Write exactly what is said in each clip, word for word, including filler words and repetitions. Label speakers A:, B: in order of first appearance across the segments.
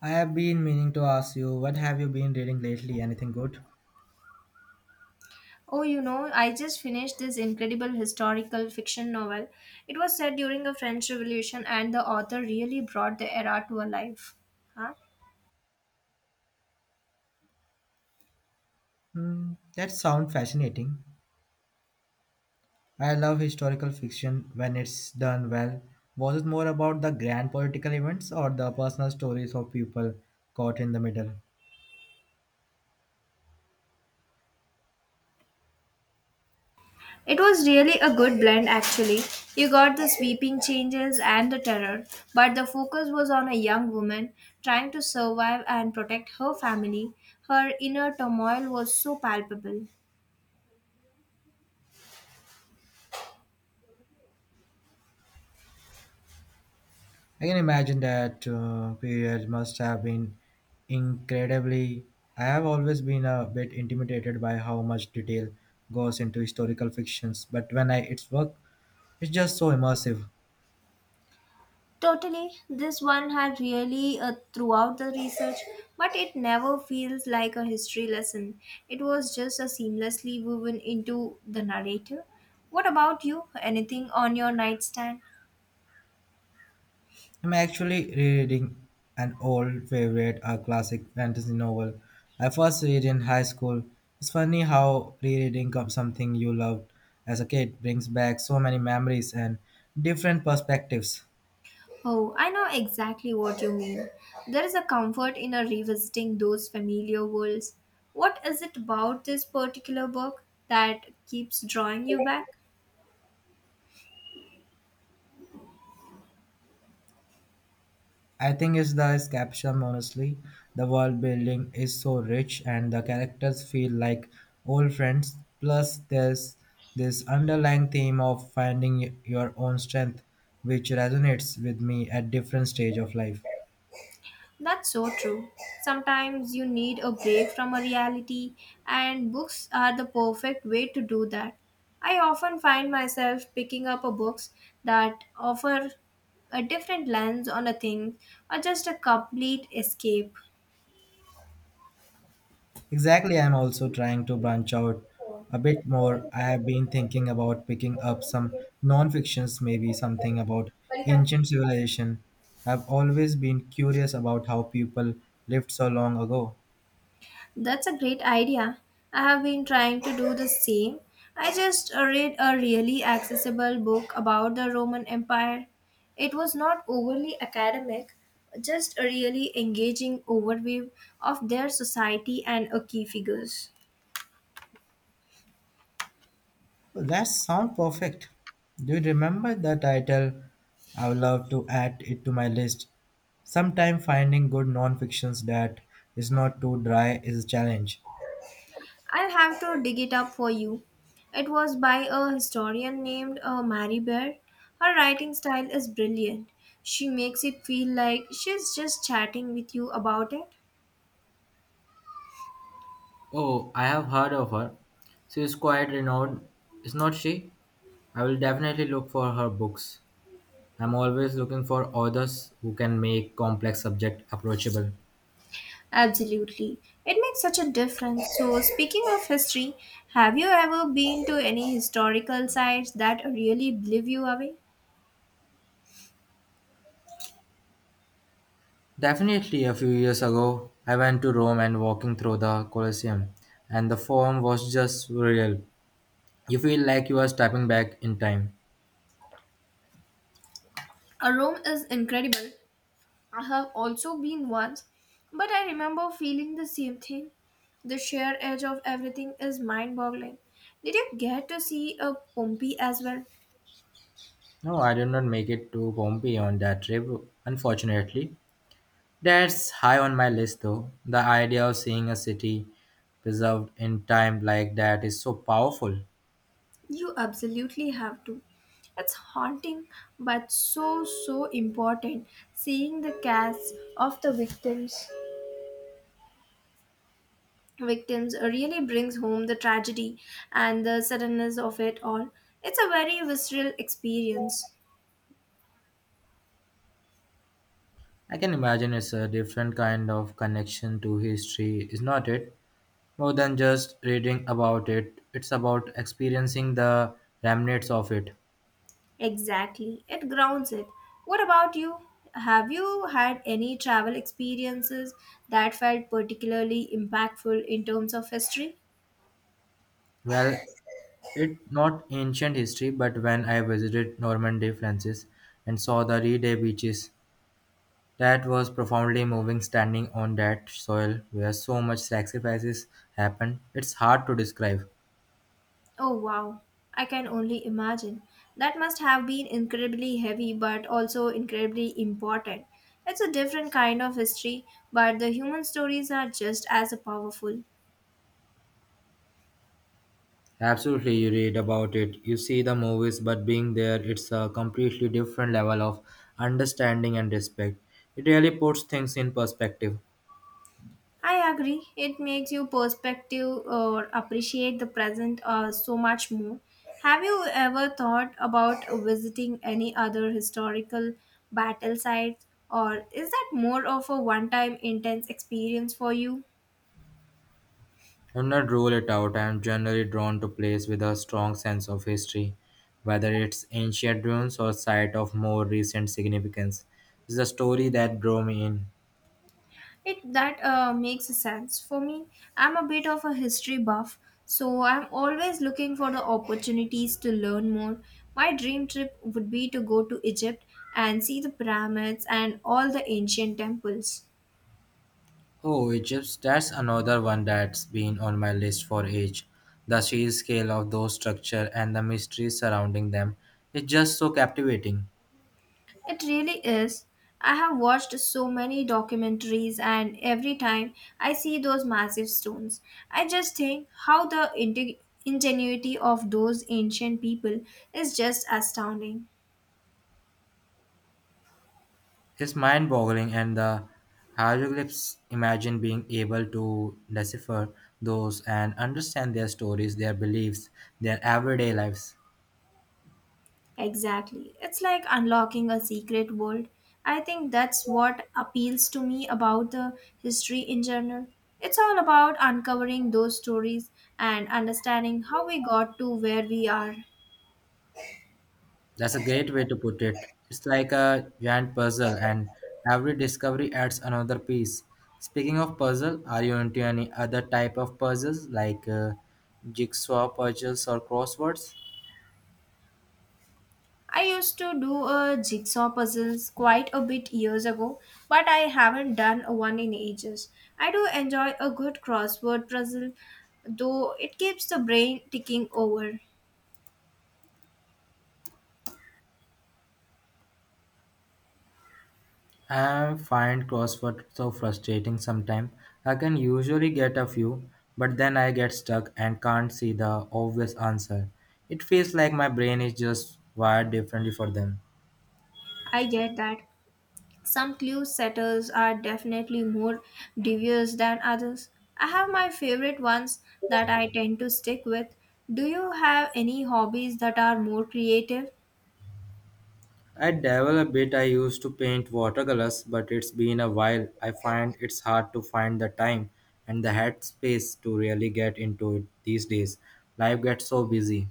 A: I have been meaning to ask you, what have you been reading lately? Anything good?
B: Oh, you know, I just finished this incredible historical fiction novel. It was set during the French Revolution, and the author really brought the era to a life. Huh?
A: Hmm, that sounds fascinating. I love historical fiction when it's done well. Was it more about the grand political events or the personal stories of people caught in the middle?
B: It was really a good blend, actually. You got the sweeping changes and the terror, but the focus was on a young woman trying to survive and protect her family. Her inner turmoil was so palpable.
A: I can imagine that uh, period must have been incredibly. I have always been a bit intimidated by how much detail goes into historical fictions, but when I it's work, it's just so immersive.
B: Totally, this one had really uh, throughout the research, but it never feels like a history lesson. It was just a seamlessly woven into the narrative. What about you? Anything on your nightstand?
A: I'm actually reading an old favorite, a classic fantasy novel I first read in high school. It's funny how rereading of something you loved as a kid brings back so many memories and different perspectives.
B: Oh, I know exactly what you mean. There is a comfort in a revisiting those familiar worlds. What is it about this particular book that keeps drawing you back?
A: I think it's the caption honestly. The world building is so rich and the characters feel like old friends. Plus there's this underlying theme of finding your own strength which resonates with me at different stage of life.
B: That's so true. Sometimes you need a break from a reality, and books are the perfect way to do that. I often find myself picking up a books that offer a different lens on a thing or just a complete escape.
A: Exactly, I'm also trying to branch out a bit more. I have been thinking about picking up some non-fictions, maybe something about ancient civilization. I've always been curious about how people lived so long ago.
B: That's a great idea. I have been trying to do the same. I just uh, read a really accessible book about the Roman Empire. It was not overly academic, just a really engaging overview of their society and a key figures.
A: That sounds perfect. Do you remember the title? I would love to add it to my list. Sometimes finding good non-fictions that is not too dry is a challenge.
B: I'll have to dig it up for you. It was by a historian named uh, Mary Bear. Her writing style is brilliant. She makes it feel like she's just chatting with you about it.
A: Oh, I have heard of her. She is quite renowned, is not she? I will definitely look for her books. I'm always looking for authors who can make complex subject approachable.
B: Absolutely. It makes such a difference. So, speaking of history, have you ever been to any historical sites that really blew you away?
A: Definitely a few years ago, I went to Rome and walking through the Colosseum, and the form was just surreal. You feel like you are stepping back in time.
B: A Rome is incredible. I have also been once, but I remember feeling the same thing. The sheer edge of everything is mind boggling. Did you get to see a Pompey as well?
A: No, I did not make it to Pompeii on that trip, unfortunately. That's high on my list though. The idea of seeing a city preserved in time like that is so powerful.
B: You absolutely have to. It's haunting but so so important seeing the casts of the victims. Victims uh, really brings home the tragedy and the suddenness of it all. It's a very visceral experience.
A: I can imagine it's a different kind of connection to history, is not it? More than just reading about it, it's about experiencing the remnants of it.
B: Exactly, it grounds it. What about you? Have you had any travel experiences that felt particularly impactful in terms of history?
A: Well, it not ancient history, but when I visited Normandy, France, and saw the Reday beaches, that was profoundly moving. Standing on that soil where so much sacrifices happened, it's hard to describe.
B: Oh wow, I can only imagine. That must have been incredibly heavy but also incredibly important. It's a different kind of history, but the human stories are just as powerful.
A: Absolutely, you read about it. You see the movies, but being there, it's a completely different level of understanding and respect. It really puts things in perspective.
B: I agree. It makes you perspective or appreciate the present uh, so much more. Have you ever thought about visiting any other historical battle sites, or is that more of a one-time intense experience for you?
A: I'm not rule it out. I'm generally drawn to places with a strong sense of history, whether it's ancient ruins or site of more recent significance. It's the story that drew me in.
B: It that uh, makes sense for me. I'm a bit of a history buff, so I'm always looking for the opportunities to learn more. My dream trip would be to go to Egypt and see the pyramids and all the ancient temples.
A: Oh, Egypt, that's another one that's been on my list for age. The sheer scale of those structures and the mystery surrounding them is just so captivating.
B: It really is. I have watched so many documentaries, and every time I see those massive stones, I just think how the inte- ingenuity of those ancient people is just astounding.
A: It's mind boggling, and the hieroglyphs imagine being able to decipher those and understand their stories, their beliefs, their everyday lives.
B: Exactly. It's like unlocking a secret world. I think that's what appeals to me about the history in general. It's all about uncovering those stories and understanding how we got to where we are.
A: That's a great way to put it. It's like a giant puzzle, and every discovery adds another piece. Speaking of puzzle, are you into any other type of puzzles like uh, jigsaw puzzles or crosswords?
B: I used to do uh, jigsaw puzzles quite a bit years ago, but I haven't done one in ages. I do enjoy a good crossword puzzle, though it keeps the brain ticking over.
A: I find crossword so frustrating sometimes. I can usually get a few, but then I get stuck and can't see the obvious answer. It feels like my brain is just wired differently for them.
B: I get that. Some clue setters are definitely more devious than others. I have my favorite ones that I tend to stick with. Do you have any hobbies that are more creative?
A: I dabble a bit. I used to paint watercolors, but it's been a while. I find it's hard to find the time and the headspace to really get into it these days. Life gets so busy.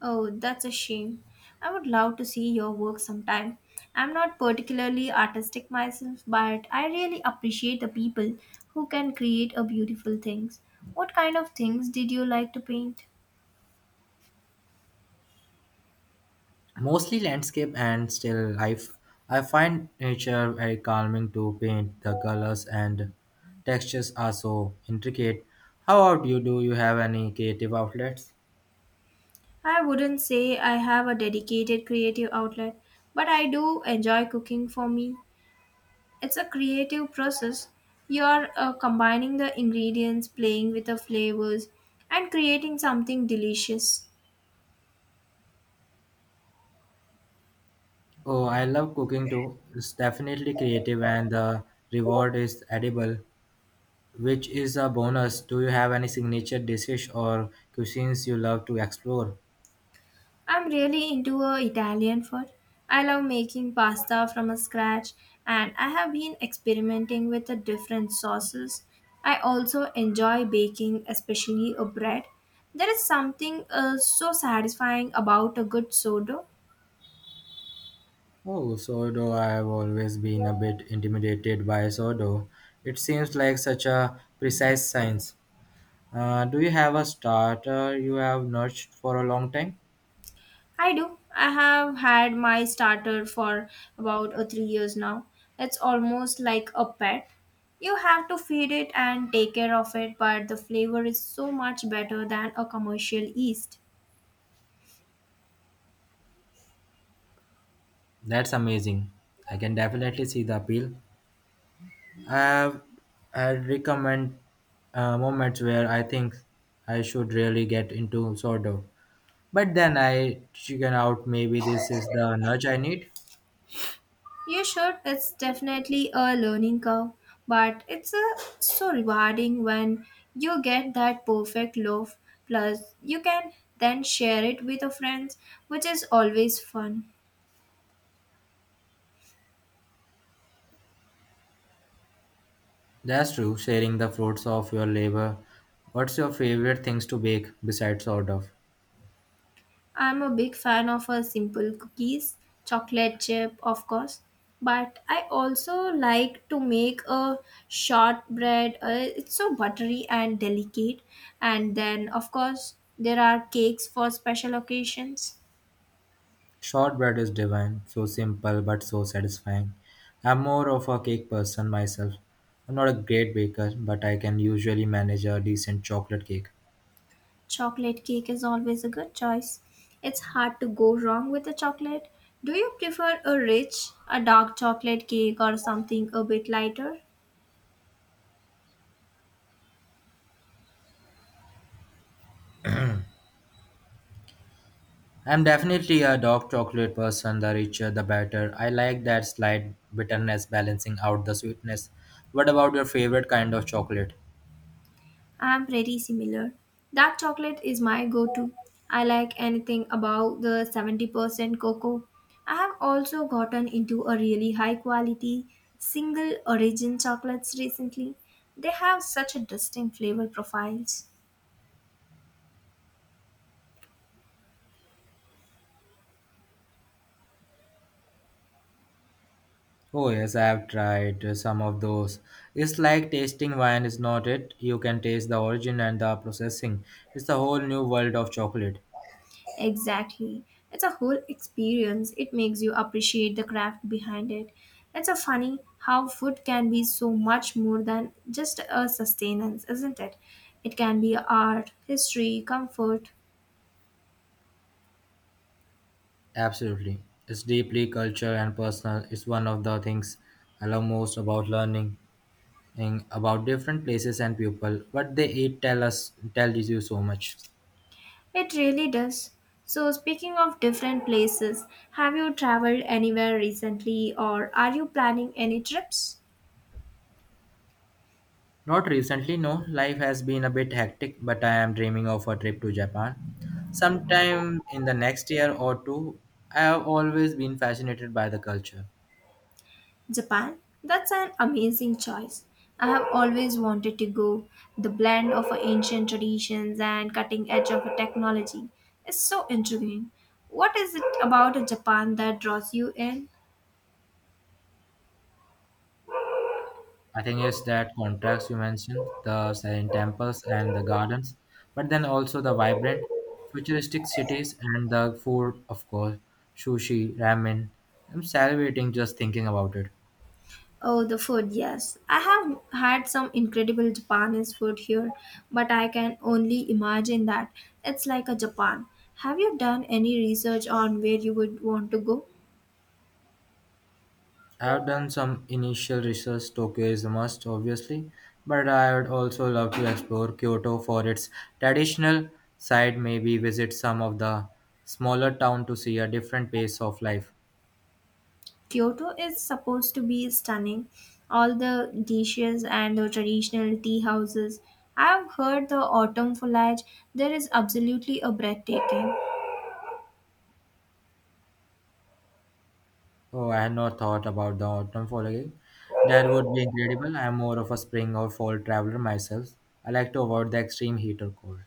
B: Oh, that's a shame. I would love to see your work sometime. I'm not particularly artistic myself, but I really appreciate the people who can create a beautiful things. What kind of things did you like to paint?
A: Mostly landscape and still life. I find nature very calming to paint. The colors and textures are so intricate. How about you? Do you have any creative outlets?
B: I wouldn't say I have a dedicated creative outlet, but I do enjoy cooking for me. It's a creative process. You're uh, combining the ingredients, playing with the flavors, and creating something delicious.
A: Oh, I love cooking too. It's definitely creative and the reward is edible, which is a bonus. Do you have any signature dishes or cuisines you love to explore?
B: I'm really into uh, Italian food. I love making pasta from scratch and I have been experimenting with the different sauces. I also enjoy baking, especially a bread. There is something uh, so satisfying about a good sourdough.
A: Oh, sourdough. I have always been a bit intimidated by sourdough. It seems like such a precise science. Uh, do you have a starter you have nurtured for a long time?
B: I do. I have had my starter for about uh, three years now. It's almost like a pet. You have to feed it and take care of it, but the flavor is so much better than a commercial yeast.
A: That's amazing. I can definitely see the appeal. I have had recommend uh, moments where I think I should really get into sourdough. But then I chicken out maybe this is the nudge I need.
B: You should. It's definitely a learning curve, but it's a, so rewarding when you get that perfect loaf. Plus, you can then share it with your friends, which is always fun.
A: That's true, sharing the fruits of your labor. What's your favorite things to bake besides sort of?
B: I'm a big fan of a simple cookies, chocolate chip, of course, but I also like to make a shortbread. Uh, it's so buttery and delicate, and then of course there are cakes for special occasions.
A: Shortbread is divine, so simple but so satisfying. I'm more of a cake person myself. I'm not a great baker, but I can usually manage a decent chocolate cake.
B: Chocolate cake is always a good choice. It's hard to go wrong with a chocolate. Do you prefer a rich, a dark chocolate cake or something a bit lighter?
A: I'm definitely a dark chocolate person, the richer the better. I like that slight bitterness balancing out the sweetness. What about your favorite kind of chocolate?
B: I'm pretty similar. Dark chocolate is my go to. I like anything above the seventy percent cocoa. I have also gotten into a really high quality single origin chocolates recently. They have such a distinct flavor profiles.
A: Oh yes, I have tried uh, some of those. It's like tasting wine, is not it? You can taste the origin and the processing. It's a whole new world of chocolate.
B: Exactly. It's a whole experience. It makes you appreciate the craft behind it. It's a funny how food can be so much more than just a sustenance, isn't it? It can be art, history, comfort.
A: Absolutely. It's deeply cultural and personal. It's one of the things I love most about learning and about different places and people. What they eat tell us tells you so much.
B: It really does. So, speaking of different places, have you traveled anywhere recently or are you planning any trips?
A: Not recently, no. Life has been a bit hectic, but I am dreaming of a trip to Japan. Sometime in the next year or two, I have always been fascinated by the culture.
B: Japan? That's an amazing choice. I have always wanted to go. The blend of ancient traditions and cutting edge of technology is so intriguing. What is it about Japan that draws you in?
A: I think it's that contrast you mentioned, the silent temples and the gardens, but then also the vibrant, futuristic cities and the food, of course, sushi, ramen. I'm salivating just thinking about it.
B: Oh, the food, yes. I have had some incredible Japanese food here, but I can only imagine that it's like a Japan. Have you done any research on where you would want to go?
A: I have done some initial research. Tokyo is a must, obviously, but I would also love to explore Kyoto for its traditional side, maybe visit some of the smaller town to see a different pace of life.
B: Kyoto is supposed to be stunning. All the dishes and the traditional tea houses. I've heard the autumn foliage there is absolutely a breathtaking.
A: Oh, I had not thought about the autumn following. That would be incredible. I am more of a spring or fall traveler myself. I like to avoid the extreme heat or cold.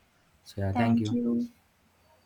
A: So yeah, thank
B: Thank
A: you.
B: you.